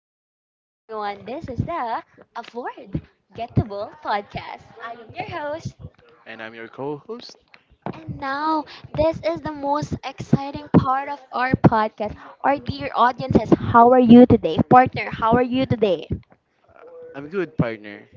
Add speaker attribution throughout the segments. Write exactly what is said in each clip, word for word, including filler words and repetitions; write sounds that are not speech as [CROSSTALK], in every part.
Speaker 1: good evening, everyone. This is the Afford Gettable Podcast. I am your host,
Speaker 2: And I'm your co-host.
Speaker 1: and now this is the most exciting part of our podcast. Our dear audiences, how are you today? Partner, how are you today?
Speaker 2: I'm good, partner.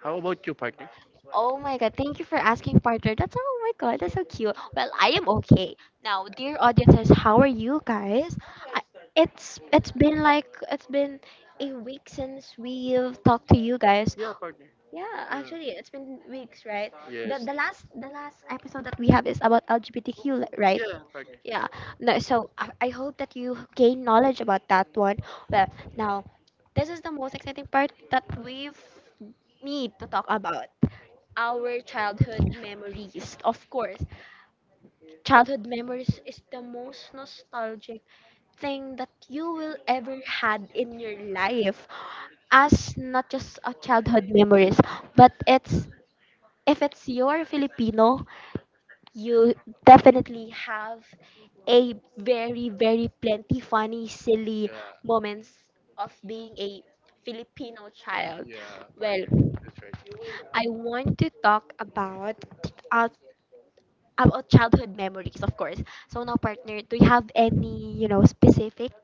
Speaker 2: How about you, partner?
Speaker 1: Oh my god, thank you for asking, partner. That's oh my god, that's so cute. Well, I am okay. Now, dear audiences, how are you guys? I, it's it's been like it's been a week since we've talked to you guys.
Speaker 2: Yeah, partner.
Speaker 1: Yeah,
Speaker 2: Yeah.
Speaker 1: actually, it's been weeks, right? The
Speaker 2: Yes.
Speaker 1: the last the last episode that we have is about L G B T Q, li- right?
Speaker 2: Yeah, partner.
Speaker 1: Yeah. No, so I, I hope that you gain knowledge about that one. Well, now this is the most exciting part that we've need to talk about our childhood memories. Of course, childhood memories is the most nostalgic thing that you will ever had in your life as not just a childhood memories, but it's if it's your Filipino, you definitely have a very, very plenty funny, silly
Speaker 2: Yeah,
Speaker 1: moments of being a Filipino child.
Speaker 2: yeah,
Speaker 1: Well,
Speaker 2: partner. That's right.
Speaker 1: I want to talk about uh, about childhood memories, of course. So now, partner, do you have any you know specific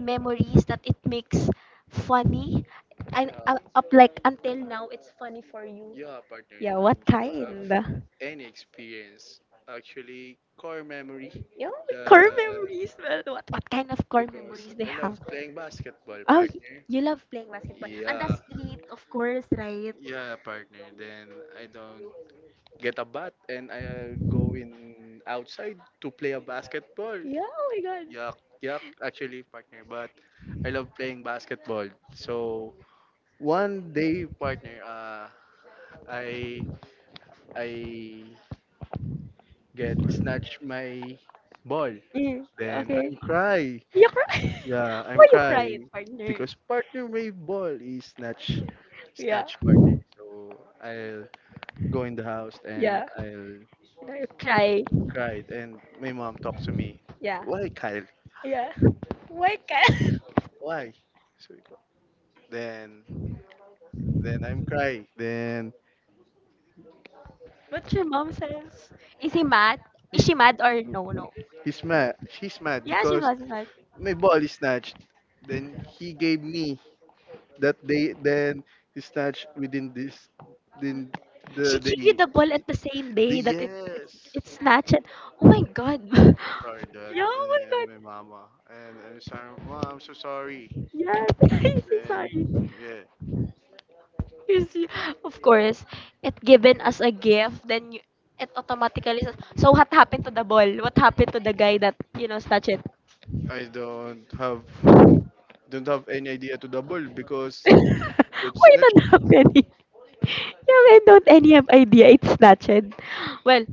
Speaker 1: memories that it makes funny and
Speaker 2: Yeah,
Speaker 1: uh, up like until now it's funny for you?
Speaker 2: yeah, partner. Yeah.
Speaker 1: Yeah, what
Speaker 2: So have
Speaker 1: kind?
Speaker 2: any experience? Actually, core memory.
Speaker 1: Yeah, like, core
Speaker 2: The
Speaker 1: memories. Well, what what kind of core
Speaker 2: because
Speaker 1: memories they
Speaker 2: I
Speaker 1: have?
Speaker 2: love playing basketball,
Speaker 1: Oh, y-
Speaker 2: partner.
Speaker 1: you love playing basketball and the
Speaker 2: Yeah.
Speaker 1: street, of course, right?
Speaker 2: Yeah, partner. Then I don't get a bat and I go in outside to play a basketball.
Speaker 1: Yeah. Oh my God.
Speaker 2: Yuck, yuck, actually, partner. But I love playing basketball. So one day, partner, uh, I I get snatch my ball.
Speaker 1: Yeah,
Speaker 2: Then
Speaker 1: okay.
Speaker 2: I'm cry.
Speaker 1: You cry.
Speaker 2: Yeah,
Speaker 1: [LAUGHS]
Speaker 2: I'm
Speaker 1: Why you cry,
Speaker 2: cry
Speaker 1: partner?
Speaker 2: because partner my ball is snatch
Speaker 1: Yeah.
Speaker 2: snatch part. So I'll go in the house and
Speaker 1: Yeah.
Speaker 2: I'll
Speaker 1: You know, you cry.
Speaker 2: cry and my mom talks to me.
Speaker 1: Yeah.
Speaker 2: Why Kyle?
Speaker 1: Yeah. Why can't?
Speaker 2: Why? So we go- then then I'm crying. Then
Speaker 1: [LAUGHS] What your mom says? Is he mad? Is
Speaker 2: he,
Speaker 1: she mad or no? No.
Speaker 2: he's mad. She's mad
Speaker 1: Yeah, she's
Speaker 2: because
Speaker 1: mad. She's mad.
Speaker 2: my ball is snatched. Then he gave me that day. Then he snatched within this within
Speaker 1: She
Speaker 2: the
Speaker 1: gave you
Speaker 2: day.
Speaker 1: the ball at the same
Speaker 2: The
Speaker 1: day that it it's it's
Speaker 2: yes.
Speaker 1: snatched, and— oh my god. [LAUGHS]
Speaker 2: I'm so sorry, Dad,
Speaker 1: Yeah, oh my god.
Speaker 2: and my mama. And I'm sorry, Mom. I'm so sorry.
Speaker 1: Yes. [LAUGHS] I'm so sorry.
Speaker 2: Then yeah,
Speaker 1: Yes, y- of course, it given as a gift, then you, it automatically says, so what happened to the ball? What happened to the guy that, you know, snatched it?
Speaker 2: I don't have don't have any idea to double because
Speaker 1: [LAUGHS]
Speaker 2: that's
Speaker 1: Why don't have any? [LAUGHS] Yeah, I don't any have idea. It's snatched. Well,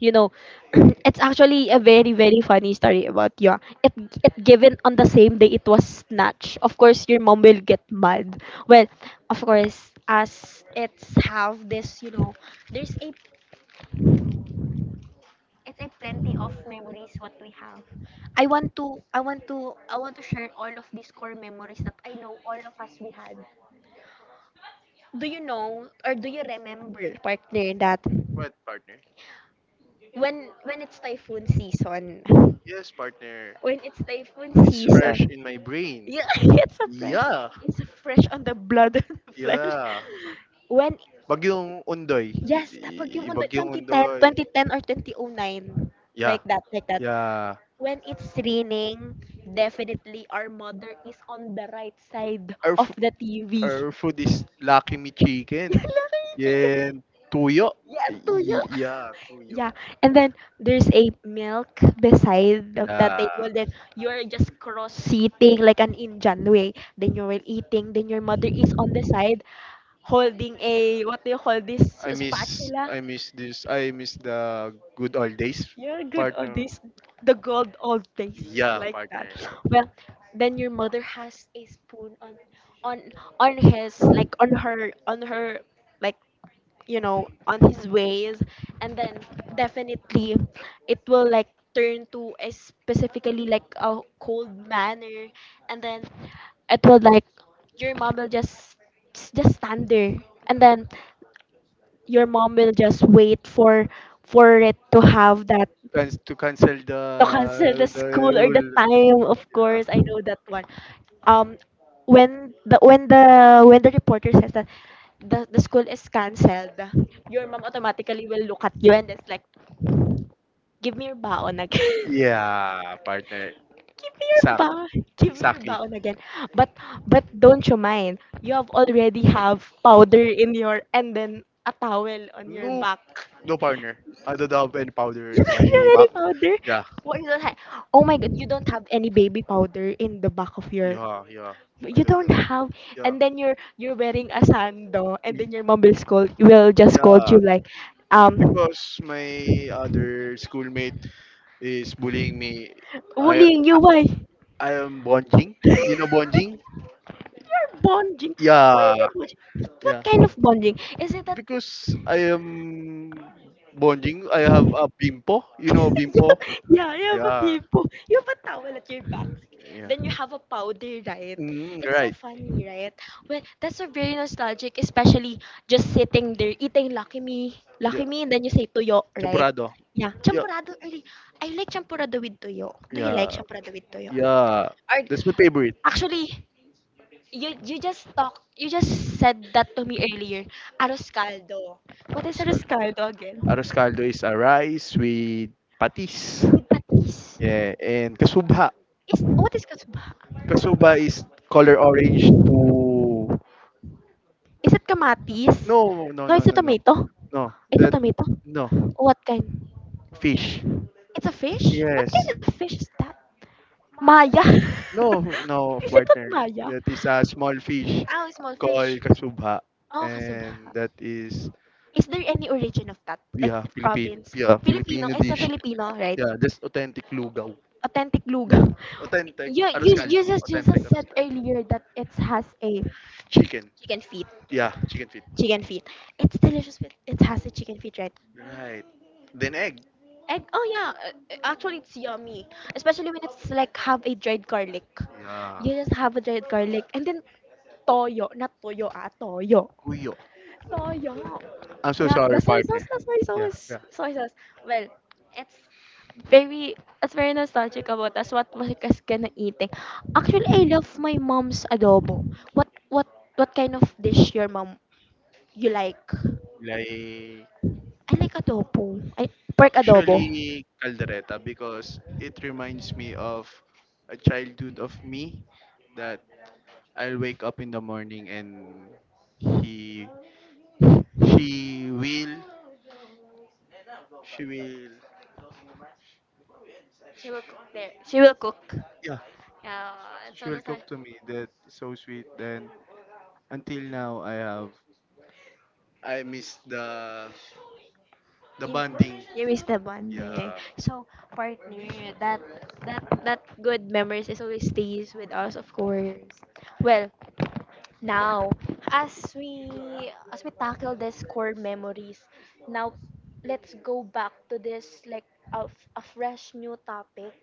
Speaker 1: you know, [CLEARS THROAT] it's actually a very very funny story about you. it it given on the same day it was snatched. Of course your mom will get mad. Well, of course, as it's have this, you know, there's a, it's a plenty of memories what we have. I want to I want to I want to share all of these core memories that I know all of us we had. Do you know or do you remember, partner, that
Speaker 2: what partner.
Speaker 1: when when it's typhoon season,
Speaker 2: Yes, partner.
Speaker 1: when it's typhoon
Speaker 2: It's fresh
Speaker 1: season
Speaker 2: in my brain.
Speaker 1: yeah, [LAUGHS] it's a fresh.
Speaker 2: Yeah.
Speaker 1: It's a fresh on the blood [LAUGHS] and the flesh.
Speaker 2: Yeah.
Speaker 1: When,
Speaker 2: Bagyong Undoy.
Speaker 1: yes,
Speaker 2: Y-
Speaker 1: tapag yung
Speaker 2: y-
Speaker 1: unday,
Speaker 2: Bagyong
Speaker 1: twenty ten,
Speaker 2: Undoy.
Speaker 1: twenty ten or two thousand nine.
Speaker 2: Yeah.
Speaker 1: Like that, like that.
Speaker 2: Yeah.
Speaker 1: When it's raining, definitely our mother is on the right side
Speaker 2: Our,
Speaker 1: of
Speaker 2: f-
Speaker 1: the T V.
Speaker 2: our food is lakimi
Speaker 1: [LAUGHS]
Speaker 2: chicken.
Speaker 1: Yan lang yung chi-
Speaker 2: Yeah. Tuyo.
Speaker 1: Yes, tuyo.
Speaker 2: Y-
Speaker 1: [LAUGHS]
Speaker 2: Yeah, tuyo.
Speaker 1: Yeah, and then there's a milk beside of the
Speaker 2: Yeah.
Speaker 1: table. Then you're just cross seating like an Indian way. Then you're eating. Then your mother is on the side, holding a, what do you call this,
Speaker 2: I miss
Speaker 1: spatula.
Speaker 2: I miss this. I miss the good old days,
Speaker 1: You're good old
Speaker 2: partner.
Speaker 1: this. The gold old days,
Speaker 2: Yeah,
Speaker 1: like that.
Speaker 2: partner.
Speaker 1: Well, then your mother has a spoon on on on his, like, on her, on her, like, you know, on his ways. And then definitely it will like turn to a specifically like a cold manner. And then it will like, your mom will just just stand there. And then your mom will just wait for for it to have that,
Speaker 2: Cans to cancel the
Speaker 1: to cancel the
Speaker 2: the
Speaker 1: school or the
Speaker 2: rule.
Speaker 1: time, of course, I know that one. Um, when the when the when the reporter says that the, the school is cancelled, your mom automatically will look at you and it's like, give me your baon again. [LAUGHS]
Speaker 2: Yeah, partner.
Speaker 1: Give me your
Speaker 2: Exact,
Speaker 1: baon, give me your
Speaker 2: exactly.
Speaker 1: baon again. but but don't you mind, you have already have powder in your, and then a towel on your
Speaker 2: No,
Speaker 1: back.
Speaker 2: no partner. I don't have any powder in
Speaker 1: [LAUGHS] You don't have
Speaker 2: my
Speaker 1: any
Speaker 2: back.
Speaker 1: powder?
Speaker 2: Yeah,
Speaker 1: What you don't have? Oh my god, you don't have any baby powder in the back of your.
Speaker 2: yeah, yeah,
Speaker 1: You don't have,
Speaker 2: yeah.
Speaker 1: and then you're you're wearing a sando, and
Speaker 2: Y-
Speaker 1: then your mom will scold. Will just scold
Speaker 2: Yeah,
Speaker 1: you like, um,
Speaker 2: because my other schoolmate is bullying me. I
Speaker 1: bullying you why? [LAUGHS]
Speaker 2: I am bonjing.
Speaker 1: You're
Speaker 2: You know bonjing?
Speaker 1: bonding. Why are
Speaker 2: Yeah,
Speaker 1: you bonding?
Speaker 2: yeah.
Speaker 1: What kind of bonding? Is it that
Speaker 2: Because I am bonjing. I have a bimpo. You know bimpo?
Speaker 1: [LAUGHS] yeah, you have a
Speaker 2: Yeah,
Speaker 1: bimbo. You have a towel at your back.
Speaker 2: yeah.
Speaker 1: Then you have a powder, right?
Speaker 2: Mm,
Speaker 1: It's so
Speaker 2: right.
Speaker 1: funny, right? Well, that's a very nostalgic, especially just sitting there eating Lucky Me.
Speaker 2: Yeah.
Speaker 1: Lucky Me, and then you say tuyo, right?
Speaker 2: Champurado.
Speaker 1: Yeah,
Speaker 2: Yeah.
Speaker 1: champurado early. I like champurado with tuyo. Do you like
Speaker 2: Yeah.
Speaker 1: champurado with tuyo?
Speaker 2: Yeah.
Speaker 1: Or
Speaker 2: That's my favorite.
Speaker 1: actually, you you just talk, you just said that to me earlier. Arroz caldo. What is
Speaker 2: Aros
Speaker 1: arroz
Speaker 2: caldo.
Speaker 1: caldo again?
Speaker 2: Aros caldo is a rice with patis.
Speaker 1: With patis.
Speaker 2: Yeah. And kasubha.
Speaker 1: Is what is kasubha?
Speaker 2: Kasubha is color orange to...
Speaker 1: Is it kamatis?
Speaker 2: No, no,
Speaker 1: No,
Speaker 2: no,
Speaker 1: it's a tomato.
Speaker 2: no.
Speaker 1: It's a
Speaker 2: That...
Speaker 1: tomato.
Speaker 2: No.
Speaker 1: What kind?
Speaker 2: Fish.
Speaker 1: It's a fish? What
Speaker 2: Yes.
Speaker 1: kind of fish is that? Maya. [LAUGHS]
Speaker 2: No, no,
Speaker 1: Is it not
Speaker 2: partner.
Speaker 1: Maya?
Speaker 2: That is a small fish
Speaker 1: Oh, small
Speaker 2: called
Speaker 1: fish.
Speaker 2: kasubha.
Speaker 1: Oh, kasuba.
Speaker 2: And that is,
Speaker 1: Is there any origin of that? Like
Speaker 2: yeah, Philippine,
Speaker 1: province?
Speaker 2: yeah,
Speaker 1: Filipino.
Speaker 2: Filipino
Speaker 1: It's a
Speaker 2: dish.
Speaker 1: Filipino, right?
Speaker 2: Yeah, that's authentic lugaw.
Speaker 1: Authentic lugaw.
Speaker 2: Authentic.
Speaker 1: You, you,
Speaker 2: Arroz
Speaker 1: you
Speaker 2: caldo.
Speaker 1: just, you
Speaker 2: Authentic.
Speaker 1: just said earlier that it has a
Speaker 2: Chicken.
Speaker 1: chicken feet.
Speaker 2: Yeah, chicken feet.
Speaker 1: Chicken feet. It's delicious with, it has a chicken feet, right?
Speaker 2: Right. Then egg.
Speaker 1: Egg, oh yeah, uh, uh, actually it's yummy, especially when it's like have a dried garlic.
Speaker 2: Yeah.
Speaker 1: You just have a dried garlic, and then toyo, not toyo ah, toyo.
Speaker 2: Puyo.
Speaker 1: Toyo.
Speaker 2: I'm so
Speaker 1: Yeah, the
Speaker 2: sorry,
Speaker 1: soy sauce,
Speaker 2: partner.
Speaker 1: the soy
Speaker 2: Yeah,
Speaker 1: sauce,
Speaker 2: yeah.
Speaker 1: soy sauce. Well, it's very, it's very nostalgic about us. What was us gonna eating? Actually, I love my mom's adobo. What, what, what kind of dish your mom you like?
Speaker 2: Like,
Speaker 1: I like adobo. I pork adobo.
Speaker 2: actually, caldereta because it reminds me of a childhood of me that I'll wake up in the morning and he, she will, she will,
Speaker 1: She will cook there. She will cook.
Speaker 2: yeah,
Speaker 1: Yeah, it's
Speaker 2: she will
Speaker 1: almost like,
Speaker 2: cook to me. That is so sweet. Then until now, I have, I miss the the
Speaker 1: you,
Speaker 2: bonding.
Speaker 1: you miss the
Speaker 2: Yeah.
Speaker 1: bonding. So partner, that that that good memories is always stays with us, of course. Well, now as we as we tackle this core memories, now let's go back to this like a, f- a fresh new topic.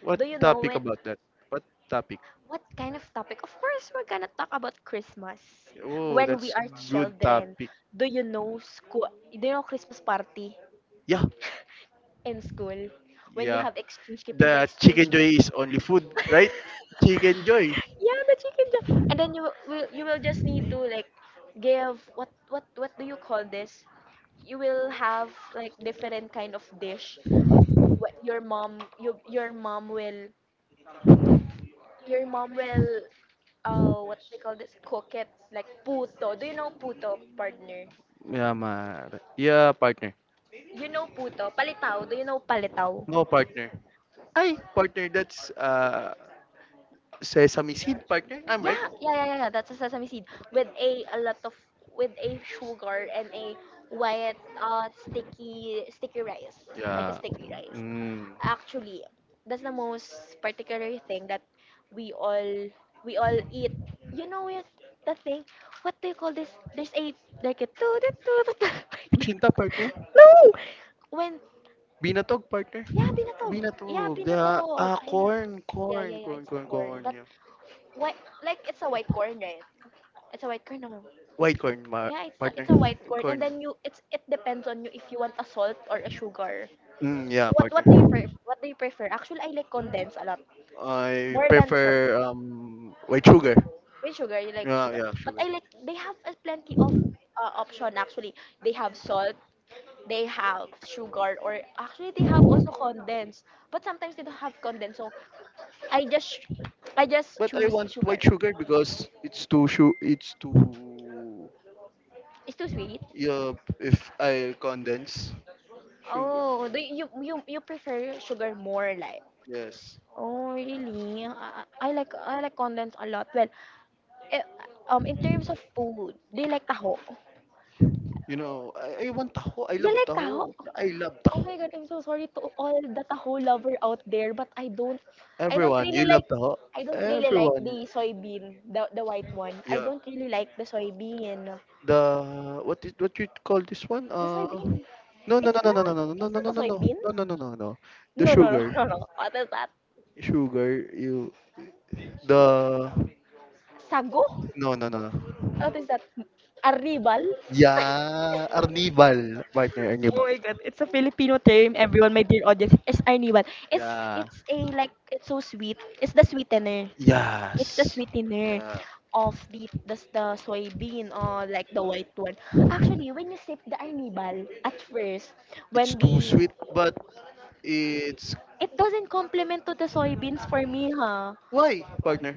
Speaker 2: What
Speaker 1: Do you know
Speaker 2: topic
Speaker 1: when,
Speaker 2: about that? What topic?
Speaker 1: what kind of topic? Of course, we're gonna talk about Christmas
Speaker 2: Oh,
Speaker 1: when we
Speaker 2: that's
Speaker 1: are
Speaker 2: good
Speaker 1: children.
Speaker 2: topic.
Speaker 1: Do you know school? Do you know Christmas party
Speaker 2: Yeah.
Speaker 1: in school when you
Speaker 2: Yeah.
Speaker 1: have exchange keep in?
Speaker 2: The chicken joy is only food, right? Chicken joy.
Speaker 1: [LAUGHS] Yeah, the chicken job. And then you will will- you will just need to like give, what what what do you call this, you will have like different kind of dish. What your mom, you, your mom will, your mom will, uh what they call this, cook it like puto. Do you know puto, partner?
Speaker 2: Yeah, ma. Yeah, partner.
Speaker 1: You know puto palitaw? Do you know palitaw?
Speaker 2: No partner. Ay, partner, that's uh sesame seed partner. I'm right.
Speaker 1: Yeah, yeah, yeah, yeah. yeah, That's a sesame seed with a a lot of, with a sugar and a white uh sticky sticky rice, like a
Speaker 2: Yeah.
Speaker 1: sticky rice.
Speaker 2: Mm.
Speaker 1: Actually, that's the most particular thing that we all we all eat. You know it, the thing. What do you call this? There's a like a toot toot toot. toot, [LAUGHS] like
Speaker 2: Chinta
Speaker 1: that.
Speaker 2: partner.
Speaker 1: No, when
Speaker 2: Binatog partner.
Speaker 1: yeah binatog, yeah
Speaker 2: Binatog. Yeah.
Speaker 1: binatog
Speaker 2: Ah,
Speaker 1: I love,
Speaker 2: corn,
Speaker 1: yeah
Speaker 2: corn,
Speaker 1: yeah yeah,
Speaker 2: corn,
Speaker 1: it's a
Speaker 2: corn,
Speaker 1: corn
Speaker 2: corn,
Speaker 1: but
Speaker 2: yeah.
Speaker 1: why, like it's a white corn, right? It's a white corn. No.
Speaker 2: White coin, my
Speaker 1: Yeah, it's a,
Speaker 2: partner.
Speaker 1: it's a white corn, and
Speaker 2: Corn.
Speaker 1: then you, it's it depends on you if you want a salt or a sugar.
Speaker 2: Mm, yeah,
Speaker 1: What what do you
Speaker 2: partner.
Speaker 1: prefer? What do you prefer? Actually, I like condensed a lot
Speaker 2: I
Speaker 1: more than su-
Speaker 2: prefer um white sugar.
Speaker 1: with sugar. You like
Speaker 2: Yeah,
Speaker 1: sugar,
Speaker 2: yeah,
Speaker 1: but
Speaker 2: sugar.
Speaker 1: I like they have a plenty of uh, option. Actually, they have salt, they have sugar, or actually they have also condensed. But sometimes they don't have condensed, so I just I just
Speaker 2: But I
Speaker 1: choose
Speaker 2: want
Speaker 1: sugar.
Speaker 2: white sugar because it's too su it's too
Speaker 1: It's too sweet.
Speaker 2: yeah, if I condense sugar.
Speaker 1: Oh, do you you you prefer sugar more like?
Speaker 2: Yes.
Speaker 1: Oh, really? I, I like I like condensed a lot. Well, eh, um, in terms of food, do you like taho?
Speaker 2: You know, I, I want taho. I
Speaker 1: You
Speaker 2: love
Speaker 1: like taho?
Speaker 2: taho. I love
Speaker 1: Oh
Speaker 2: taho.
Speaker 1: my God, I'm so sorry to all the taho lover out there, but I don't, I don't
Speaker 2: Everyone,
Speaker 1: really
Speaker 2: you love
Speaker 1: like,
Speaker 2: taho.
Speaker 1: I don't really like
Speaker 2: Everyone.
Speaker 1: the soybean, the the white one. I
Speaker 2: Yeah.
Speaker 1: don't really like the soybean.
Speaker 2: The what did what you call this one?
Speaker 1: The
Speaker 2: Uh,
Speaker 1: soybean? No,
Speaker 2: no no
Speaker 1: it's
Speaker 2: no no no no no no no
Speaker 1: not
Speaker 2: no
Speaker 1: a
Speaker 2: no
Speaker 1: soybean.
Speaker 2: no no no no no no the
Speaker 1: No, no, no,
Speaker 2: sugar
Speaker 1: [LAUGHS] no, no. What is that?
Speaker 2: sugar you the
Speaker 1: Sago?
Speaker 2: no no no no
Speaker 1: What is that? Arribal? [LAUGHS]
Speaker 2: yeah Arnibal partner Arnibal
Speaker 1: Oh my god, it's a Filipino term, everyone, my dear audience. It's Arniwan. It's
Speaker 2: yeah
Speaker 1: it's a like it's so sweet. It's the sweetener. It's the
Speaker 2: yes
Speaker 1: sweetener
Speaker 2: yeah
Speaker 1: of the the, the soybean or like the white one. Actually, when you sip the arnibal at first,
Speaker 2: it's
Speaker 1: when
Speaker 2: too
Speaker 1: the
Speaker 2: sweet but it's
Speaker 1: it doesn't complement to the soybeans for me, huh?
Speaker 2: why partner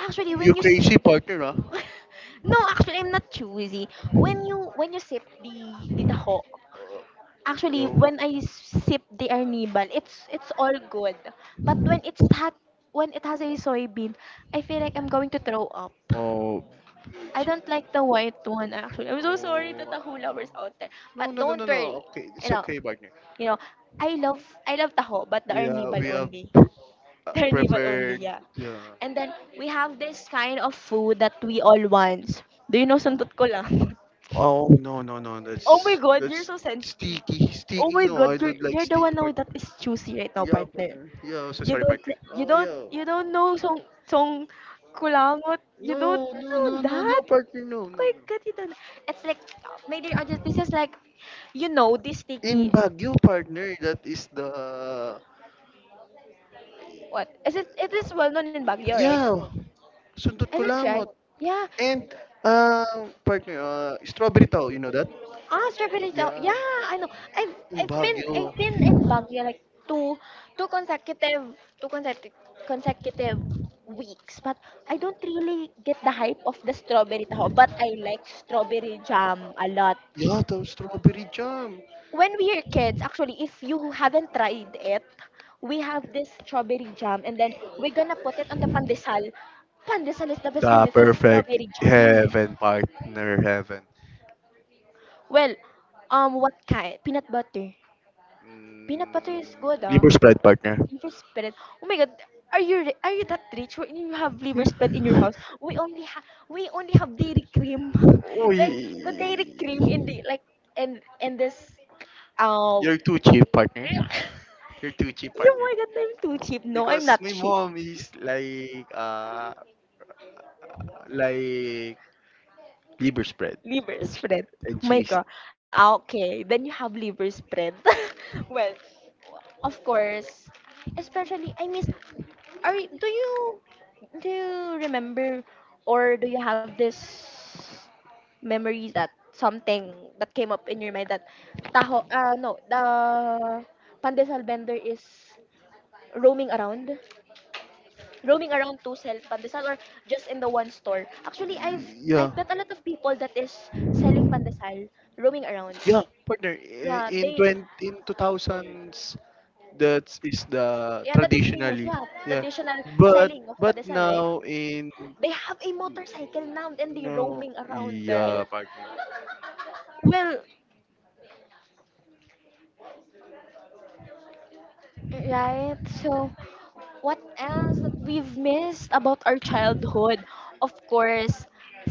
Speaker 1: Actually,
Speaker 2: you
Speaker 1: when you
Speaker 2: crazy
Speaker 1: sip,
Speaker 2: partner huh?
Speaker 1: [LAUGHS] no, actually I'm not choosy. When you when you sip the the taho,
Speaker 2: Uh,
Speaker 1: actually,
Speaker 2: you-
Speaker 1: when I sip the arnibal, it's it's all good. But when it's hot, when it has a soybean, I feel like I'm going to throw up.
Speaker 2: oh
Speaker 1: I
Speaker 2: it's-
Speaker 1: don't like the white one actually. I'm so sorry to taho lovers
Speaker 2: oh,
Speaker 1: out there,
Speaker 2: no
Speaker 1: but
Speaker 2: no no no
Speaker 1: don't
Speaker 2: no
Speaker 1: worry.
Speaker 2: okay
Speaker 1: You
Speaker 2: it's
Speaker 1: know,
Speaker 2: okay partner
Speaker 1: you know, I love I love taho, but the
Speaker 2: we are
Speaker 1: arnibal
Speaker 2: we are
Speaker 1: only.
Speaker 2: [LAUGHS] pr-
Speaker 1: [LAUGHS]
Speaker 2: uh,
Speaker 1: The arnibal only,
Speaker 2: prepared.
Speaker 1: yeah.
Speaker 2: Yeah.
Speaker 1: And then we have this kind of food that we all want. Do you know santot ko lang? [LAUGHS]
Speaker 2: Oh no no no
Speaker 1: Oh my
Speaker 2: that's
Speaker 1: God, you're
Speaker 2: that's
Speaker 1: so sensitive.
Speaker 2: sticky
Speaker 1: Oh
Speaker 2: sticky.
Speaker 1: my
Speaker 2: No, I
Speaker 1: God, you're
Speaker 2: don't like
Speaker 1: you're the
Speaker 2: sticky
Speaker 1: one now
Speaker 2: partner.
Speaker 1: that is choosy right now,
Speaker 2: Yeah
Speaker 1: partner.
Speaker 2: partner. Yeah, so
Speaker 1: You
Speaker 2: sorry
Speaker 1: don't
Speaker 2: partner.
Speaker 1: li- you
Speaker 2: Oh
Speaker 1: don't
Speaker 2: yeah.
Speaker 1: you don't know Song Song Kulangot. You
Speaker 2: No
Speaker 1: don't
Speaker 2: no
Speaker 1: know
Speaker 2: no no no
Speaker 1: that.
Speaker 2: partner no
Speaker 1: Oh
Speaker 2: no.
Speaker 1: my God, you don't. It's like my dear audience, this is like you know this
Speaker 2: In
Speaker 1: sticky.
Speaker 2: Baguio partner that is the
Speaker 1: What is it? It is well known in Baguio, right?
Speaker 2: yeah. Sundot
Speaker 1: Is it right?
Speaker 2: kulangot
Speaker 1: Yeah.
Speaker 2: and uh partner uh strawberry tau you know that
Speaker 1: Ah, strawberry jam.
Speaker 2: yeah
Speaker 1: Yeah, I know. I've
Speaker 2: in
Speaker 1: I've been
Speaker 2: Baguio
Speaker 1: I've been in Baguio like two two consecutive two consecutive consecutive weeks, but I don't really get the hype of the strawberry taho. But I like strawberry jam a lot.
Speaker 2: yeah the strawberry jam.
Speaker 1: When we were kids, actually, if you haven't tried it, we have this strawberry jam, and then we're gonna put it on the pandesal. Pandesal is the best
Speaker 2: The
Speaker 1: with
Speaker 2: perfect
Speaker 1: strawberry jam.
Speaker 2: heaven partner heaven.
Speaker 1: Well, um, what kind? Peanut butter. Peanut butter is
Speaker 2: Mm,
Speaker 1: good, ah.
Speaker 2: liver spread partner.
Speaker 1: Liver spread. Oh my god, are you ri- are you that rich? When you have liver spread in your house, we only have we only have dairy cream, [LAUGHS]
Speaker 2: Uy.
Speaker 1: like the dairy cream in the like and and this
Speaker 2: You're
Speaker 1: um.
Speaker 2: too cheap partner.
Speaker 1: [LAUGHS]
Speaker 2: You're too cheap
Speaker 1: Oh
Speaker 2: partner.
Speaker 1: my god, I'm too cheap. No, I'm
Speaker 2: Because
Speaker 1: not
Speaker 2: my
Speaker 1: cheap.
Speaker 2: mom is like uh like liver spread
Speaker 1: Liver spread. Oh
Speaker 2: and
Speaker 1: my
Speaker 2: cheese.
Speaker 1: god. Ah, okay, then you have liver spread. [LAUGHS] Well, of course, especially I miss. Are y- do you do you remember or do you have this memories that something that came up in your mind that taho uh, no the pandesal vendor is roaming around roaming around to sell pandesal or just in the one store? Actually, i've
Speaker 2: Yeah.
Speaker 1: i've met a lot of people that is selling pandesal roaming around.
Speaker 2: Yeah, partner. i-
Speaker 1: Yeah,
Speaker 2: In
Speaker 1: they,
Speaker 2: twenty, in two thousands that is the
Speaker 1: yeah, that is famous,
Speaker 2: traditionally
Speaker 1: yeah, the
Speaker 2: yeah
Speaker 1: traditional
Speaker 2: but
Speaker 1: selling of
Speaker 2: but
Speaker 1: pandesal, right?
Speaker 2: now in
Speaker 1: They have a motorcycle now and they
Speaker 2: no
Speaker 1: roaming around, right?
Speaker 2: yeah partner
Speaker 1: Well, right. So, what else that we've missed about our childhood? Of course.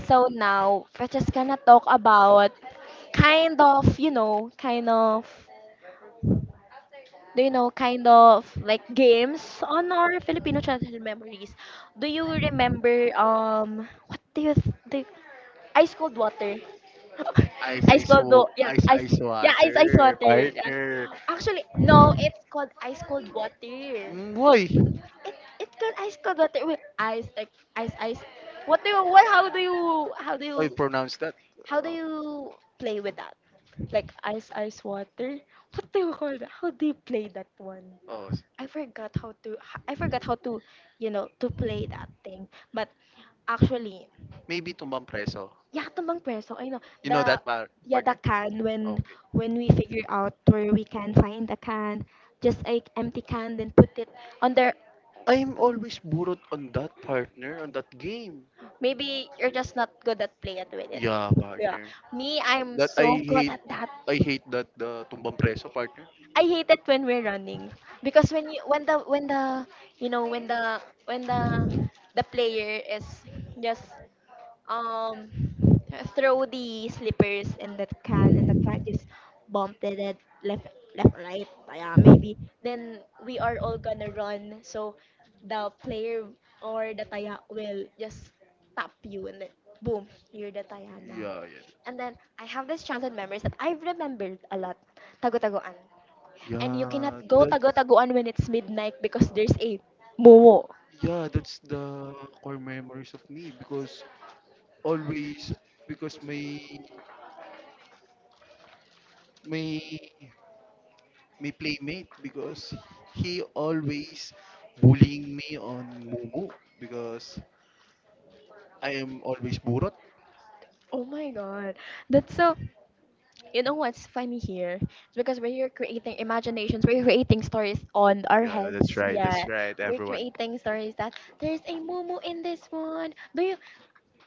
Speaker 1: So now, we're just gonna talk about kind of, you know, kind of, do you know, kind of like games on our Filipino childhood memories. Do you remember um what do you th- do ice cold water? [LAUGHS]
Speaker 2: ice
Speaker 1: ice
Speaker 2: ice
Speaker 1: cold
Speaker 2: wa-
Speaker 1: do yeah
Speaker 2: ice
Speaker 1: ice
Speaker 2: ice
Speaker 1: yeah ice ice
Speaker 2: water
Speaker 1: water, yeah.
Speaker 2: partner.
Speaker 1: Actually no, it's called ice cold water.
Speaker 2: Mm,
Speaker 1: It
Speaker 2: why?
Speaker 1: it's called ice cold water with ice, like ice ice. What do you what how do you how do
Speaker 2: How you
Speaker 1: you
Speaker 2: pronounce that?
Speaker 1: How do
Speaker 2: Oh,
Speaker 1: you play with that? Like ice ice water. What do you call that? How do you play that one?
Speaker 2: oh
Speaker 1: i forgot how to I forgot how to, you know, to play that thing. But actually,
Speaker 2: maybe tumbang preso
Speaker 1: you have to mang preso, I know.
Speaker 2: you know
Speaker 1: The,
Speaker 2: that par-
Speaker 1: yeah, the
Speaker 2: partner
Speaker 1: can, when
Speaker 2: okay
Speaker 1: when we figure out where we can find the can, just like empty can, then put it under.
Speaker 2: I'm always burot on that partner on that game.
Speaker 1: Maybe you're just not good at play it with it.
Speaker 2: Yeah,
Speaker 1: Yeah,
Speaker 2: partner.
Speaker 1: me, I'm
Speaker 2: That I
Speaker 1: so good
Speaker 2: hate
Speaker 1: at that.
Speaker 2: I hate that the tumbang preso partner.
Speaker 1: I hate it when we're running, because when you when the when the you know when the when the the player is just, Um, throw the slippers in that can, and the can just bumped it at left, left, right. Tayami. Then we are all gonna run, so the player or the taya will just tap you, and then boom, you're the taya now.
Speaker 2: Yeah, yeah.
Speaker 1: And then I have this childhood memories that I've remembered a lot. Tago-tagoan. And you
Speaker 2: Yeah,
Speaker 1: cannot go
Speaker 2: that
Speaker 1: tago-tagoan when it's midnight because there's a momo.
Speaker 2: yeah, that's the core memories of me because always because my my my playmate because he always bullying me on Mumu because I am always burot.
Speaker 1: Oh my god. That's so, you know what's funny here? It's because we're creating imaginations, we're creating stories on our
Speaker 2: Yeah, that's
Speaker 1: heads.
Speaker 2: right.
Speaker 1: Yeah.
Speaker 2: That's right,
Speaker 1: We're
Speaker 2: everyone.
Speaker 1: creating stories that there's a mumu in this one. Do you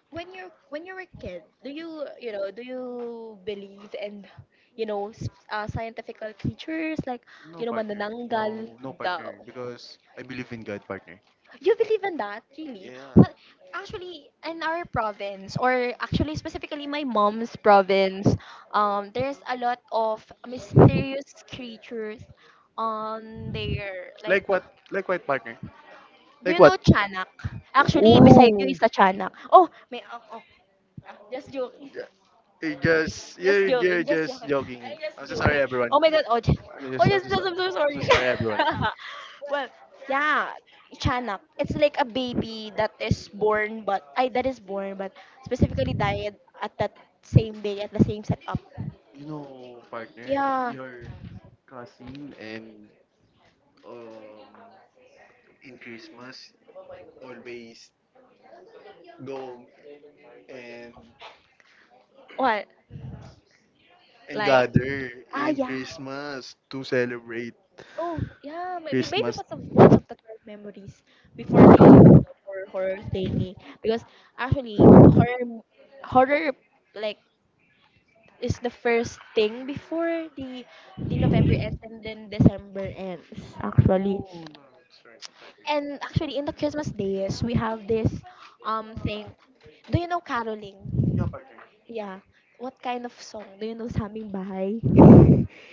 Speaker 1: when you're when you were a kid, do you, you know, do you believe in, you know, s- uh, scientific creatures like,
Speaker 2: No
Speaker 1: you know,
Speaker 2: partner.
Speaker 1: manananggal?
Speaker 2: No, no
Speaker 1: The
Speaker 2: partner because I believe in God partner.
Speaker 1: You believe in that? Really?
Speaker 2: Yeah.
Speaker 1: Well, actually, in our province, or actually specifically my mom's province, um, there's a lot of mysterious creatures on there.
Speaker 2: Like
Speaker 1: Like,
Speaker 2: what? Like what, partner?
Speaker 1: do
Speaker 2: Like
Speaker 1: you know
Speaker 2: what?
Speaker 1: Chanak? Actually, beside you
Speaker 2: Ooh.
Speaker 1: is a Chanak. Oh, may, oh, oh, ah, just joke.
Speaker 2: Yeah, You just
Speaker 1: Just
Speaker 2: you you're
Speaker 1: joking, just
Speaker 2: just
Speaker 1: joking.
Speaker 2: joking.
Speaker 1: I'm just
Speaker 2: I'm so sorry,
Speaker 1: joking.
Speaker 2: everyone.
Speaker 1: Oh my god, Ojas.
Speaker 2: I'm just I'm
Speaker 1: Ojas,
Speaker 2: so, so-
Speaker 1: I'm so
Speaker 2: I'm
Speaker 1: sorry.
Speaker 2: so sorry, everyone.
Speaker 1: [LAUGHS] Well, yeah, Chanak. It's like a baby that is born, but I that is born, but specifically died at that same day at the same setup.
Speaker 2: You know, partner,
Speaker 1: Yeah.
Speaker 2: your cousin and um in Christmas always go and
Speaker 1: What?
Speaker 2: and
Speaker 1: Like,
Speaker 2: gather
Speaker 1: ah,
Speaker 2: in
Speaker 1: yeah.
Speaker 2: Christmas to celebrate
Speaker 1: Oh, yeah. Maybe maybe
Speaker 2: Christmas.
Speaker 1: because of memories before, horror horror thingy, because actually horror m- horror, like, is the first thing before the the November ends and then December ends, actually.
Speaker 2: Oh, no, that's right,
Speaker 1: And
Speaker 2: partner.
Speaker 1: actually in the Christmas days we have this um thing. Do you know caroling?
Speaker 2: Yeah, partner.
Speaker 1: Yeah. What kind of song? Do you know Saming Bahay?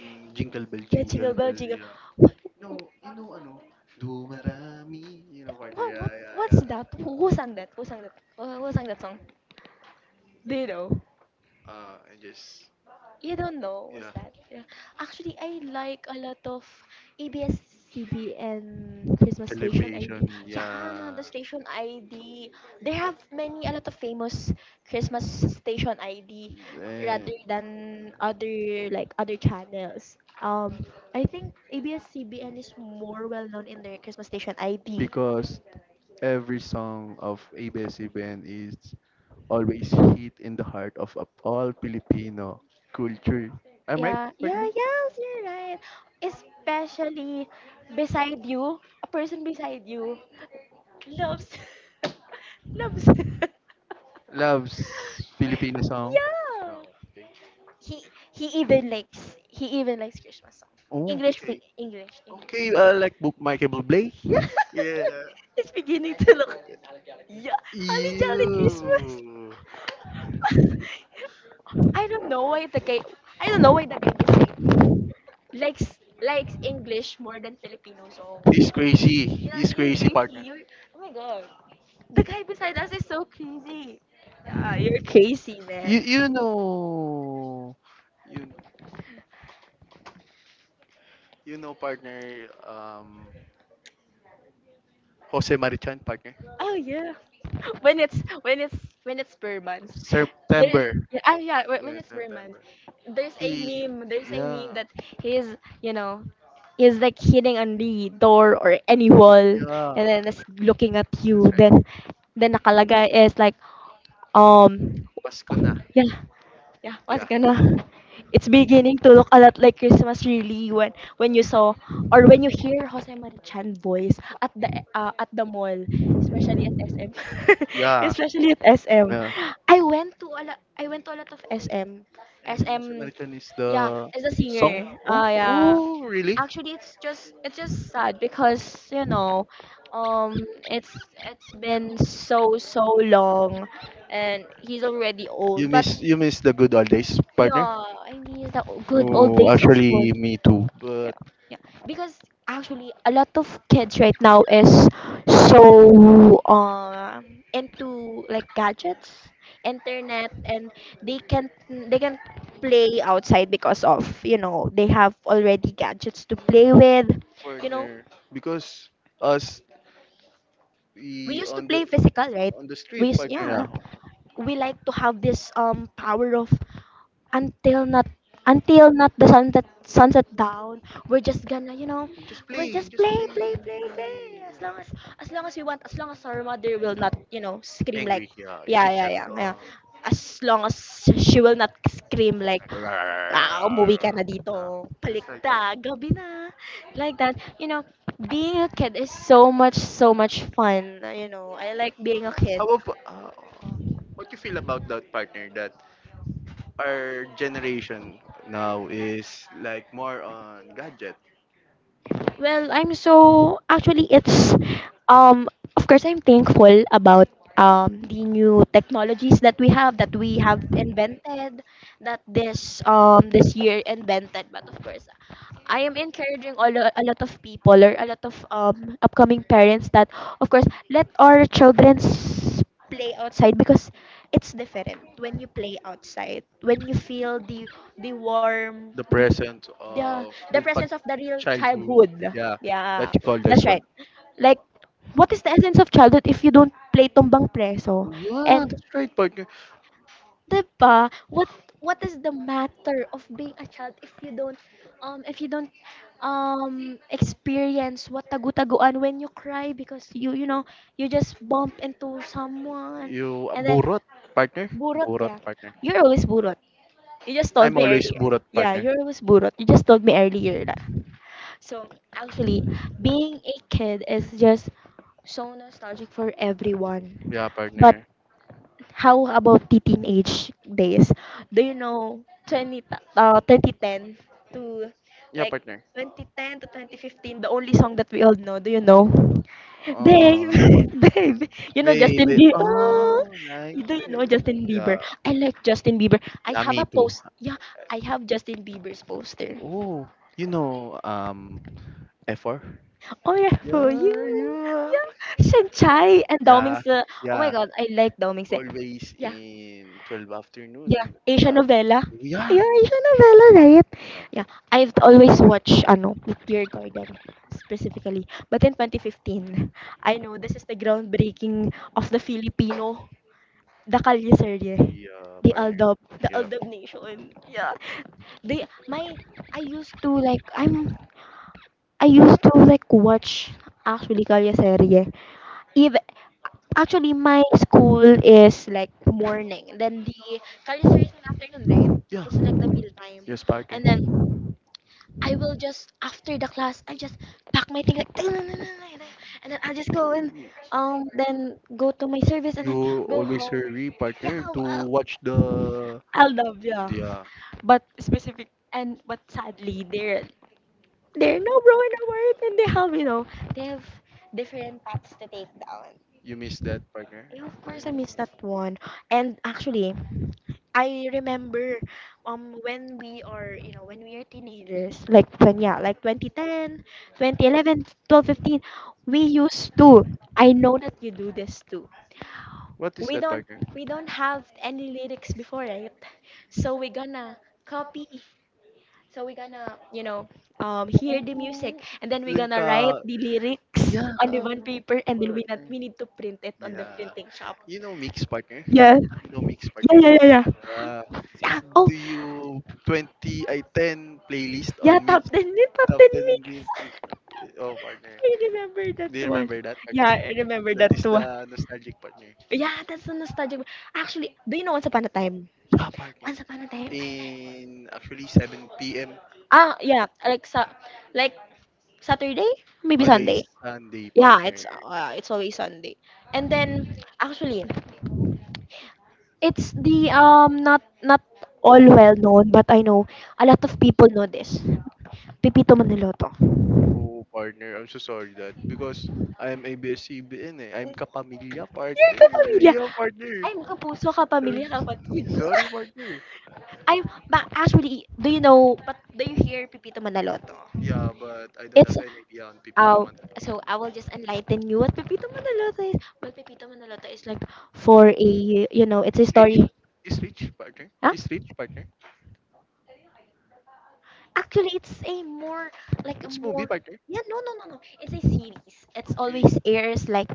Speaker 2: Mm, jingle bell,
Speaker 1: Yeah,
Speaker 2: jingle
Speaker 1: Jingle Bell,
Speaker 2: bell,
Speaker 1: Jingle.
Speaker 2: yeah.
Speaker 1: What,
Speaker 2: No, you know ano? Dumarami. You know part?
Speaker 1: what,
Speaker 2: Yeah,
Speaker 1: what,
Speaker 2: yeah,
Speaker 1: what's
Speaker 2: yeah.
Speaker 1: that? Who, who sang that? Who sang that? Who, who sang that song? Do you know?
Speaker 2: Uh, and just
Speaker 1: You don't know? Yeah, what's
Speaker 2: yeah,
Speaker 1: that? Yeah. Actually, I like a lot of A B S-C B N Christmas station ID.
Speaker 2: celebration.
Speaker 1: Yeah,
Speaker 2: Yeah.
Speaker 1: the station I D. They have many, a lot of famous Christmas station I D rather
Speaker 2: Then,
Speaker 1: than other like other channels. Um, I think A B S-C B N is more well known in their Christmas station I D. I D.
Speaker 2: because every song of A B S-C B N is always hit in the heart of a- all Filipino culture. I'm right,
Speaker 1: Yeah, yeah,
Speaker 2: partner?
Speaker 1: yes, you're right. Especially beside you, a person beside you. Loves [LAUGHS] loves [LAUGHS]
Speaker 2: Loves Filipino song.
Speaker 1: yeah.
Speaker 2: Okay.
Speaker 1: He he even likes he even likes Christmas song.
Speaker 2: Oh,
Speaker 1: English fi-
Speaker 2: okay.
Speaker 1: English.
Speaker 2: Okay,
Speaker 1: English.
Speaker 2: uh, like Book Michael Bublé.
Speaker 1: Yeah.
Speaker 2: [LAUGHS] Yeah.
Speaker 1: [LAUGHS] It's beginning to look, yeah, Holly Jolly Christmas.
Speaker 2: Ew.
Speaker 1: [LAUGHS] I don't know why the guy I don't know why the guy is like, likes likes English more than Filipino song.
Speaker 2: He's crazy. He's
Speaker 1: Yeah, it is
Speaker 2: crazy,
Speaker 1: crazy.
Speaker 2: partner.
Speaker 1: You're, oh my god. The guy beside us is so crazy. Yeah, you're crazy,
Speaker 2: You
Speaker 1: man.
Speaker 2: you know, you know, you know, partner. Um, Jose Marichan, partner.
Speaker 1: Oh yeah. [LAUGHS] When it's when it's when it's per month. There,
Speaker 2: September.
Speaker 1: ah yeah, when when
Speaker 2: Yeah,
Speaker 1: it's per month.
Speaker 2: September.
Speaker 1: There's a
Speaker 2: He.
Speaker 1: meme, there's a
Speaker 2: Yeah.
Speaker 1: meme that he's, you know, is like hitting on the door or any wall
Speaker 2: Yeah.
Speaker 1: and then is looking at you. Then then nakalagay is like, um
Speaker 2: Pasko na.
Speaker 1: yeah, yeah, what's
Speaker 2: Yeah.
Speaker 1: gonna, it's beginning to look a lot like Christmas really when when you saw or when you hear Jose Marichan voice at the, uh, at the mall, especially at S M. [LAUGHS]
Speaker 2: Yeah.
Speaker 1: Especially at S M.
Speaker 2: Yeah.
Speaker 1: I went to a lot, I went to a lot of S M.
Speaker 2: And Jose
Speaker 1: S M,
Speaker 2: Marichan is
Speaker 1: yeah,
Speaker 2: the
Speaker 1: as a
Speaker 2: song.
Speaker 1: singer.
Speaker 2: Oh,
Speaker 1: Ah, yeah.
Speaker 2: oh, really?
Speaker 1: Actually, it's just it's just sad because, you know, um, it's it's been so so long, and he's already
Speaker 2: You
Speaker 1: old. But
Speaker 2: miss you miss the good old days,
Speaker 1: yeah,
Speaker 2: partner.
Speaker 1: I miss the o- good old
Speaker 2: Oh,
Speaker 1: days of school.
Speaker 2: actually, me too. But
Speaker 1: Yeah, yeah. Because actually, a lot of kids right now is so um into like gadgets, internet, and they can they can play outside because of, you know, they have already gadgets to play with. You know,
Speaker 2: partner, because us
Speaker 1: we
Speaker 2: we
Speaker 1: used to
Speaker 2: on the
Speaker 1: play physical, right?
Speaker 2: on the
Speaker 1: We
Speaker 2: street
Speaker 1: used,
Speaker 2: partner,
Speaker 1: yeah,
Speaker 2: yeah.
Speaker 1: we like to have this um power of until not, until not the sunset, sunset down, we're just gonna, you know,
Speaker 2: Just
Speaker 1: we're
Speaker 2: play,
Speaker 1: just
Speaker 2: just
Speaker 1: play play
Speaker 2: play,
Speaker 1: play
Speaker 2: play.
Speaker 1: play as long as as long as we want, as long as our mother will not, you know, scream like,
Speaker 2: Angry, yeah.
Speaker 1: yeah
Speaker 2: It's,
Speaker 1: yeah yeah yeah,
Speaker 2: uh,
Speaker 1: as long as she will not scream like,
Speaker 2: like, "Rah, rah, rah, rah,
Speaker 1: ah
Speaker 2: rah, rah."
Speaker 1: umuwi ka na dito
Speaker 2: Yeah. That's right,
Speaker 1: palikta
Speaker 2: partner.
Speaker 1: gabi na, like that, you know. Being a kid is so much, so much fun, you know. I like being a kid.
Speaker 2: How about uh, what you feel about that partner? That our generation now is like more on gadget,
Speaker 1: Well, I'm so, actually it's, um of course I'm thankful about um the new technologies that we have, that we have invented, that this um this year invented, but of course I am encouraging all a lot of people or a lot of um upcoming parents that of course let our children s- play outside, because it's different when you play outside, when you feel the the warm
Speaker 2: the
Speaker 1: the
Speaker 2: present
Speaker 1: yeah,
Speaker 2: of
Speaker 1: the
Speaker 2: the pag-
Speaker 1: presence of the real
Speaker 2: childhood.
Speaker 1: childhood,
Speaker 2: Yeah, that
Speaker 1: yeah,
Speaker 2: you call this
Speaker 1: that's
Speaker 2: one.
Speaker 1: right. Like, what is the essence of childhood if you don't play tumbang preso?
Speaker 2: Yeah,
Speaker 1: And
Speaker 2: that's right, partner.
Speaker 1: ba, what what is the matter of being a child if you don't um if you don't um experience what tagu-taguan, when you cry because you you know, you just bump into someone
Speaker 2: You
Speaker 1: and then
Speaker 2: burot, partner.
Speaker 1: burot,
Speaker 2: Burot,
Speaker 1: yeah,
Speaker 2: partner.
Speaker 1: you're always burot, you just told
Speaker 2: I'm
Speaker 1: me
Speaker 2: always
Speaker 1: earlier,
Speaker 2: burot,
Speaker 1: yeah,
Speaker 2: partner.
Speaker 1: you're always burot, you just told me earlier that, so actually, being a kid is just so nostalgic for everyone.
Speaker 2: Yeah,
Speaker 1: But
Speaker 2: partner.
Speaker 1: how about the teenage days? Do you know twenty, t- uh, twenty ten to
Speaker 2: Yeah, partner.
Speaker 1: like twenty ten to twenty fifteen, the only song that we all know, do you know? Babe,
Speaker 2: Oh,
Speaker 1: [LAUGHS] babe, you know Justin
Speaker 2: baby,
Speaker 1: Bieber. Oh,
Speaker 2: oh, like
Speaker 1: you do you
Speaker 2: baby.
Speaker 1: know Justin Bieber?
Speaker 2: Yeah,
Speaker 1: I like Justin Bieber. I
Speaker 2: yeah,
Speaker 1: have
Speaker 2: me
Speaker 1: a
Speaker 2: too.
Speaker 1: post. Yeah, I have Justin Bieber's poster.
Speaker 2: Oh, you know, um, F four.
Speaker 1: Oh yeah, for
Speaker 2: Yeah,
Speaker 1: you,
Speaker 2: yeah,
Speaker 1: yeah. Sheng Chai and Dao
Speaker 2: yeah,
Speaker 1: Mingse. Oh my
Speaker 2: yeah.
Speaker 1: god, I like Dao Mingse.
Speaker 2: Always
Speaker 1: Yeah,
Speaker 2: in twelve
Speaker 1: yeah.
Speaker 2: afternoon.
Speaker 1: Asian novella.
Speaker 2: Yeah.
Speaker 1: Yeah, Asian novella, right?
Speaker 2: Yeah.
Speaker 1: Yeah, I've always watched ano, Meteor Garden specifically. But in twenty fifteen, I know this is the groundbreaking of the Filipino, the Kalye Serye.
Speaker 2: Yeah.
Speaker 1: The
Speaker 2: part-
Speaker 1: Aldab, the
Speaker 2: Yeah.
Speaker 1: Aldab Nation. Yeah. They my I used to like I'm I used to like watch actually Kalye Serye. If Actually, my school is like morning, then the college is afternoon, right?
Speaker 2: Yeah,
Speaker 1: The meal time,
Speaker 2: Yes, partner.
Speaker 1: and then I will just after the class, I just pack my thing like, [LAUGHS] and then I'll just go and um then go to my service and then
Speaker 2: You
Speaker 1: go
Speaker 2: always
Speaker 1: home.
Speaker 2: hurry,
Speaker 1: Yeah,
Speaker 2: partner,
Speaker 1: I'll,
Speaker 2: to
Speaker 1: I'll,
Speaker 2: watch the.
Speaker 1: I'll love yeah.
Speaker 2: Yeah,
Speaker 1: But specific and but sadly, they're they are no bro in the world, and they have you know they have different paths to take down.
Speaker 2: you miss that, partner.
Speaker 1: Yeah, of course, I miss
Speaker 2: Dang.
Speaker 1: that one. And actually, I remember um when we are you know when we are teenagers like when yeah like twenty ten twenty eleven twelve fifteen we used to. I know that you do this too.
Speaker 2: What is
Speaker 1: we
Speaker 2: that,
Speaker 1: don't
Speaker 2: partner?
Speaker 1: we don't have any lyrics before, right? So we're gonna copy, so we're gonna you know um hear the music
Speaker 2: Oh,
Speaker 1: and then we're
Speaker 2: then
Speaker 1: gonna write
Speaker 2: ka.
Speaker 1: the lyrics
Speaker 2: Yeah,
Speaker 1: on the
Speaker 2: ka.
Speaker 1: one paper, and then we not,
Speaker 2: Partner.
Speaker 1: we need to print it on the
Speaker 2: Yeah.
Speaker 1: printing shop.
Speaker 2: You know mix, partner.
Speaker 1: Yeah.
Speaker 2: You know mix,
Speaker 1: Yeah,
Speaker 2: partner.
Speaker 1: yeah, yeah, yeah.
Speaker 2: Uh,
Speaker 1: yeah. Oh,
Speaker 2: do you twenty I ten playlist
Speaker 1: yeah,
Speaker 2: on mix?
Speaker 1: top ten, eh, top ten mix.
Speaker 2: Then we- oh, partner.
Speaker 1: [LAUGHS] I remember that
Speaker 2: Do you
Speaker 1: one.
Speaker 2: remember that?
Speaker 1: Yeah, I remember
Speaker 2: That
Speaker 1: that
Speaker 2: is
Speaker 1: one.
Speaker 2: the nostalgic partner.
Speaker 1: Yeah, that's the nostalgic. one. Actually, do you know Once Upon a Time?
Speaker 2: Yeah, partner.
Speaker 1: Once Upon a Time, I like.
Speaker 2: In actually seven p m.
Speaker 1: Ah, yeah, like sa, like Saturday, maybe
Speaker 2: Always
Speaker 1: Sunday.
Speaker 2: Sunday, yeah,
Speaker 1: Yeah,
Speaker 2: partner.
Speaker 1: it's uh, it's always Sunday. And then actually, it's the um not not all well known, but I know a lot of people know this. Pipito Manaloto.
Speaker 2: Oh, partner, I'm so sorry that because I'm abs eh. I'm kapamilya,
Speaker 1: You're
Speaker 2: partner.
Speaker 1: kapamilya.
Speaker 2: Yeah, partner.
Speaker 1: I'm kapuso, kapamilya,
Speaker 2: [LAUGHS]
Speaker 1: kapatid. [LAUGHS]
Speaker 2: Sorry, partner.
Speaker 1: I But actually, do you know? But do you hear Pipito Manaloto?
Speaker 2: Yeah, but I don't
Speaker 1: It's
Speaker 2: have any idea on P P.
Speaker 1: uh, so I will just enlighten you what Pipito Manaloto is. Well, Pipito Manaloto is like for a you know, it's a
Speaker 2: Rich?
Speaker 1: story.
Speaker 2: Is rich, partner?
Speaker 1: Huh?
Speaker 2: Is rich, partner?
Speaker 1: Actually, it's a more like a
Speaker 2: It's movie,
Speaker 1: more,
Speaker 2: partner.
Speaker 1: yeah no no no no it's a series. It's
Speaker 2: Okay.
Speaker 1: always airs like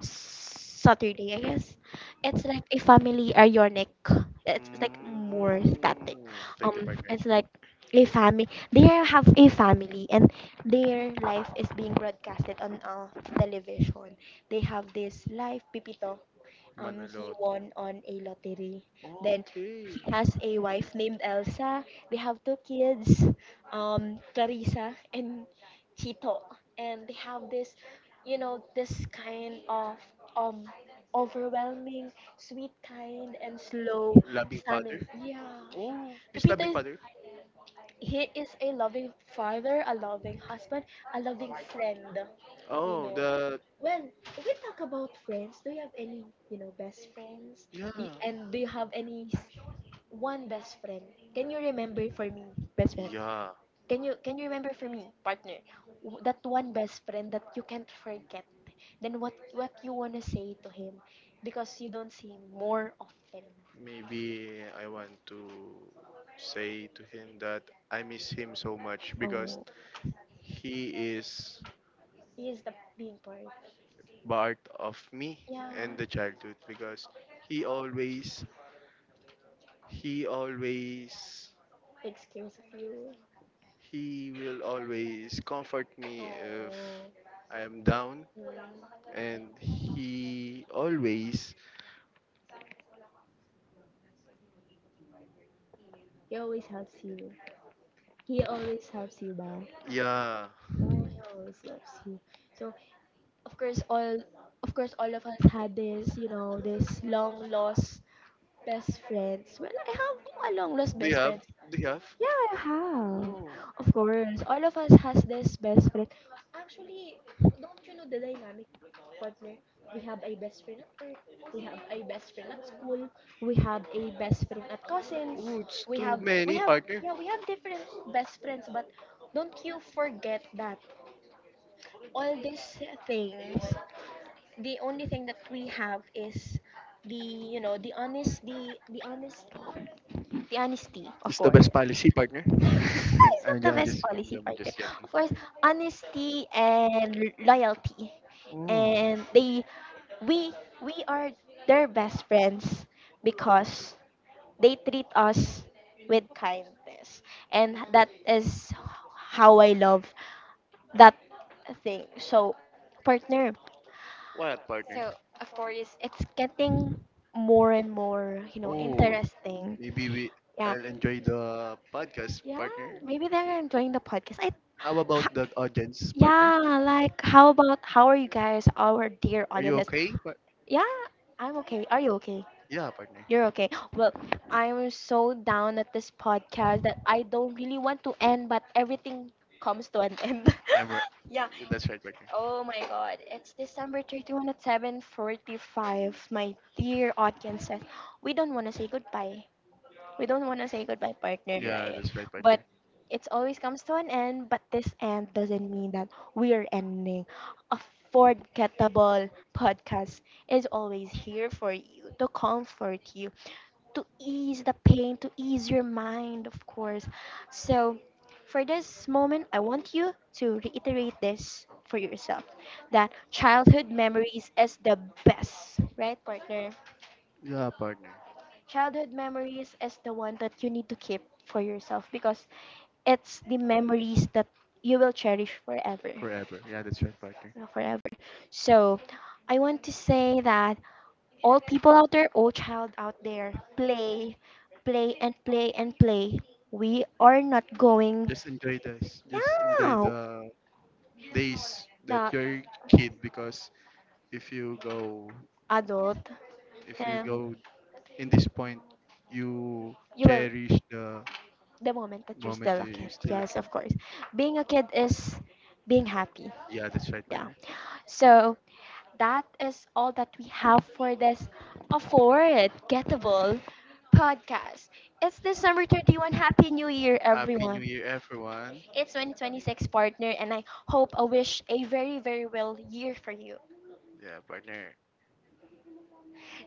Speaker 1: Saturday, I guess. It's like a family ironic. It's it's like more static.
Speaker 2: Mm, thank you,
Speaker 1: Um,
Speaker 2: partner.
Speaker 1: it's like a family. They have a family and their life is being broadcasted on uh, television. They have this live pipito, um he
Speaker 2: Manalot.
Speaker 1: won on a lottery. Then
Speaker 2: Okay.
Speaker 1: he has a wife named Elsa. They have two kids, um Clarissa and Chito. And they have this, you know, this kind of um overwhelming, sweet kind and slow
Speaker 2: Loving father?
Speaker 1: family. Yeah.
Speaker 2: Oh, his
Speaker 1: Pepito
Speaker 2: loving
Speaker 1: is
Speaker 2: father.
Speaker 1: He is a loving father, a loving husband, a loving friend. You
Speaker 2: Oh,
Speaker 1: know,
Speaker 2: the
Speaker 1: well, if we talk about friends, do you have any, you know, best friends?
Speaker 2: yeah,
Speaker 1: Do you- and do you have any s- one best friend? Can you remember for me, best friend?
Speaker 2: yeah.
Speaker 1: Can you can you remember for me, partner, w- that one best friend that you can't forget? Then what what you wanna say to him, because you don't see him more often.
Speaker 2: Maybe I want to say to him that I miss him so much because
Speaker 1: Oh.
Speaker 2: he is
Speaker 1: He is the being part.
Speaker 2: part of me
Speaker 1: Yeah.
Speaker 2: and the childhood because he always, he always,
Speaker 1: Big scares of you.
Speaker 2: he will always comfort me if
Speaker 1: Oh.
Speaker 2: I am down
Speaker 1: Mm.
Speaker 2: and he always,
Speaker 1: He always helps you. He always helps you ba?
Speaker 2: yeah.
Speaker 1: Oh, he always loves you. So, of course, all of course, all of us had this, you know, this long lost best friends. Well, I have a long lost
Speaker 2: Do you
Speaker 1: best
Speaker 2: have?
Speaker 1: friend.
Speaker 2: Do you have?
Speaker 1: Yeah, I have. Of course, all of us has this best friend. Actually, don't you know the dynamic, partner? We have a best friend at work. We have a best friend at school. We have a best friend at cousins.
Speaker 2: Oh, it's
Speaker 1: We
Speaker 2: too
Speaker 1: have we
Speaker 2: many,
Speaker 1: have
Speaker 2: partner.
Speaker 1: yeah, we have different best friends, but don't you forget that all these things, the only thing that we have is the you know the honest the the honest the honesty, of
Speaker 2: It's the
Speaker 1: course.
Speaker 2: best policy, partner.
Speaker 1: No, it's
Speaker 2: [LAUGHS]
Speaker 1: not
Speaker 2: I'm,
Speaker 1: the
Speaker 2: ju- I'm
Speaker 1: best
Speaker 2: just, I'm,
Speaker 1: policy,
Speaker 2: ju- I'm
Speaker 1: partner.
Speaker 2: just joking,
Speaker 1: Of course,
Speaker 2: partner.
Speaker 1: honesty and l- loyalty. And
Speaker 2: Oh,
Speaker 1: they we we are their best friends because they treat us with kindness. And that is how I love that thing. So, partner,
Speaker 2: what, partner?
Speaker 1: it's getting more and more, you know,
Speaker 2: Oh,
Speaker 1: interesting.
Speaker 2: maybe we,
Speaker 1: Yeah.
Speaker 2: I'll enjoy the podcast,
Speaker 1: Yeah,
Speaker 2: partner.
Speaker 1: maybe they're enjoying the podcast. I
Speaker 2: How about the audience, partner?
Speaker 1: Yeah, like how about how are you guys, our dear
Speaker 2: Are you
Speaker 1: audiences?
Speaker 2: okay? But
Speaker 1: Yeah, I'm okay. Are you okay?
Speaker 2: yeah, partner.
Speaker 1: You're okay. Well, I'm so down at this podcast that I don't really want to end, but everything comes to an end.
Speaker 2: I'm
Speaker 1: [LAUGHS]
Speaker 2: right.
Speaker 1: yeah.
Speaker 2: That's right, partner.
Speaker 1: Oh my god. It's December thirty-first at seven forty-five, my dear audiences. We don't want to say goodbye, we don't want to say goodbye, partner,
Speaker 2: Yeah,
Speaker 1: right?
Speaker 2: that's right,
Speaker 1: But
Speaker 2: partner.
Speaker 1: it always comes to an end, but this end doesn't mean that we are ending. A forgettable podcast is always here for you, to comfort you, to ease the pain, to ease your mind, of course. So for this moment, I want you to reiterate this for yourself, that childhood memories is the best, right, partner?
Speaker 2: Yeah, partner.
Speaker 1: Childhood memories is the one that you need to keep for yourself, because it's the memories that you will cherish forever. You
Speaker 2: Forever. Yeah, that's right, partner.
Speaker 1: Forever. So I want to say that all people out there, all child out there, play, play and play and play. We are not going,
Speaker 2: Just enjoy this. Just enjoy
Speaker 1: yeah,
Speaker 2: the days that
Speaker 1: not
Speaker 2: you're a kid because if you go
Speaker 1: adult.
Speaker 2: if you
Speaker 1: eh,
Speaker 2: go in this point, you
Speaker 1: you will,
Speaker 2: cherish the
Speaker 1: the moment that you're
Speaker 2: moment
Speaker 1: still
Speaker 2: that
Speaker 1: a
Speaker 2: you're
Speaker 1: kid.
Speaker 2: still a
Speaker 1: Yes,
Speaker 2: kid.
Speaker 1: of course. Being a kid is being happy.
Speaker 2: Yeah, that's right,
Speaker 1: Yeah.
Speaker 2: partner.
Speaker 1: So that is all that we have for this affordable podcast. It's December thirty-first. Happy New Year,
Speaker 2: Happy New
Speaker 1: everyone.
Speaker 2: Year, everyone.
Speaker 1: It's twenty twenty-six, partner, and I hope I wish a very, very well year for you.
Speaker 2: Yeah, partner.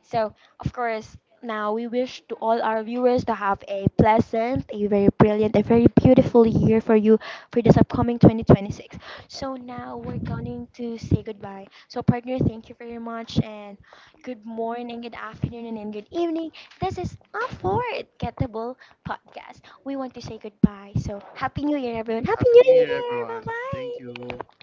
Speaker 1: So, of course, now we wish to all our viewers to have a pleasant, a very brilliant, a very beautiful year for you for this upcoming twenty twenty-six. So, now we're going to say goodbye. So, partner, thank you very much, and good morning, good afternoon, and good evening. This is a Ford Gettable podcast. We want to say goodbye. So, Happy New Year, everyone. Happy New
Speaker 2: New Year,
Speaker 1: Year.
Speaker 2: everyone. Thank
Speaker 1: Bye
Speaker 2: you.
Speaker 1: bye.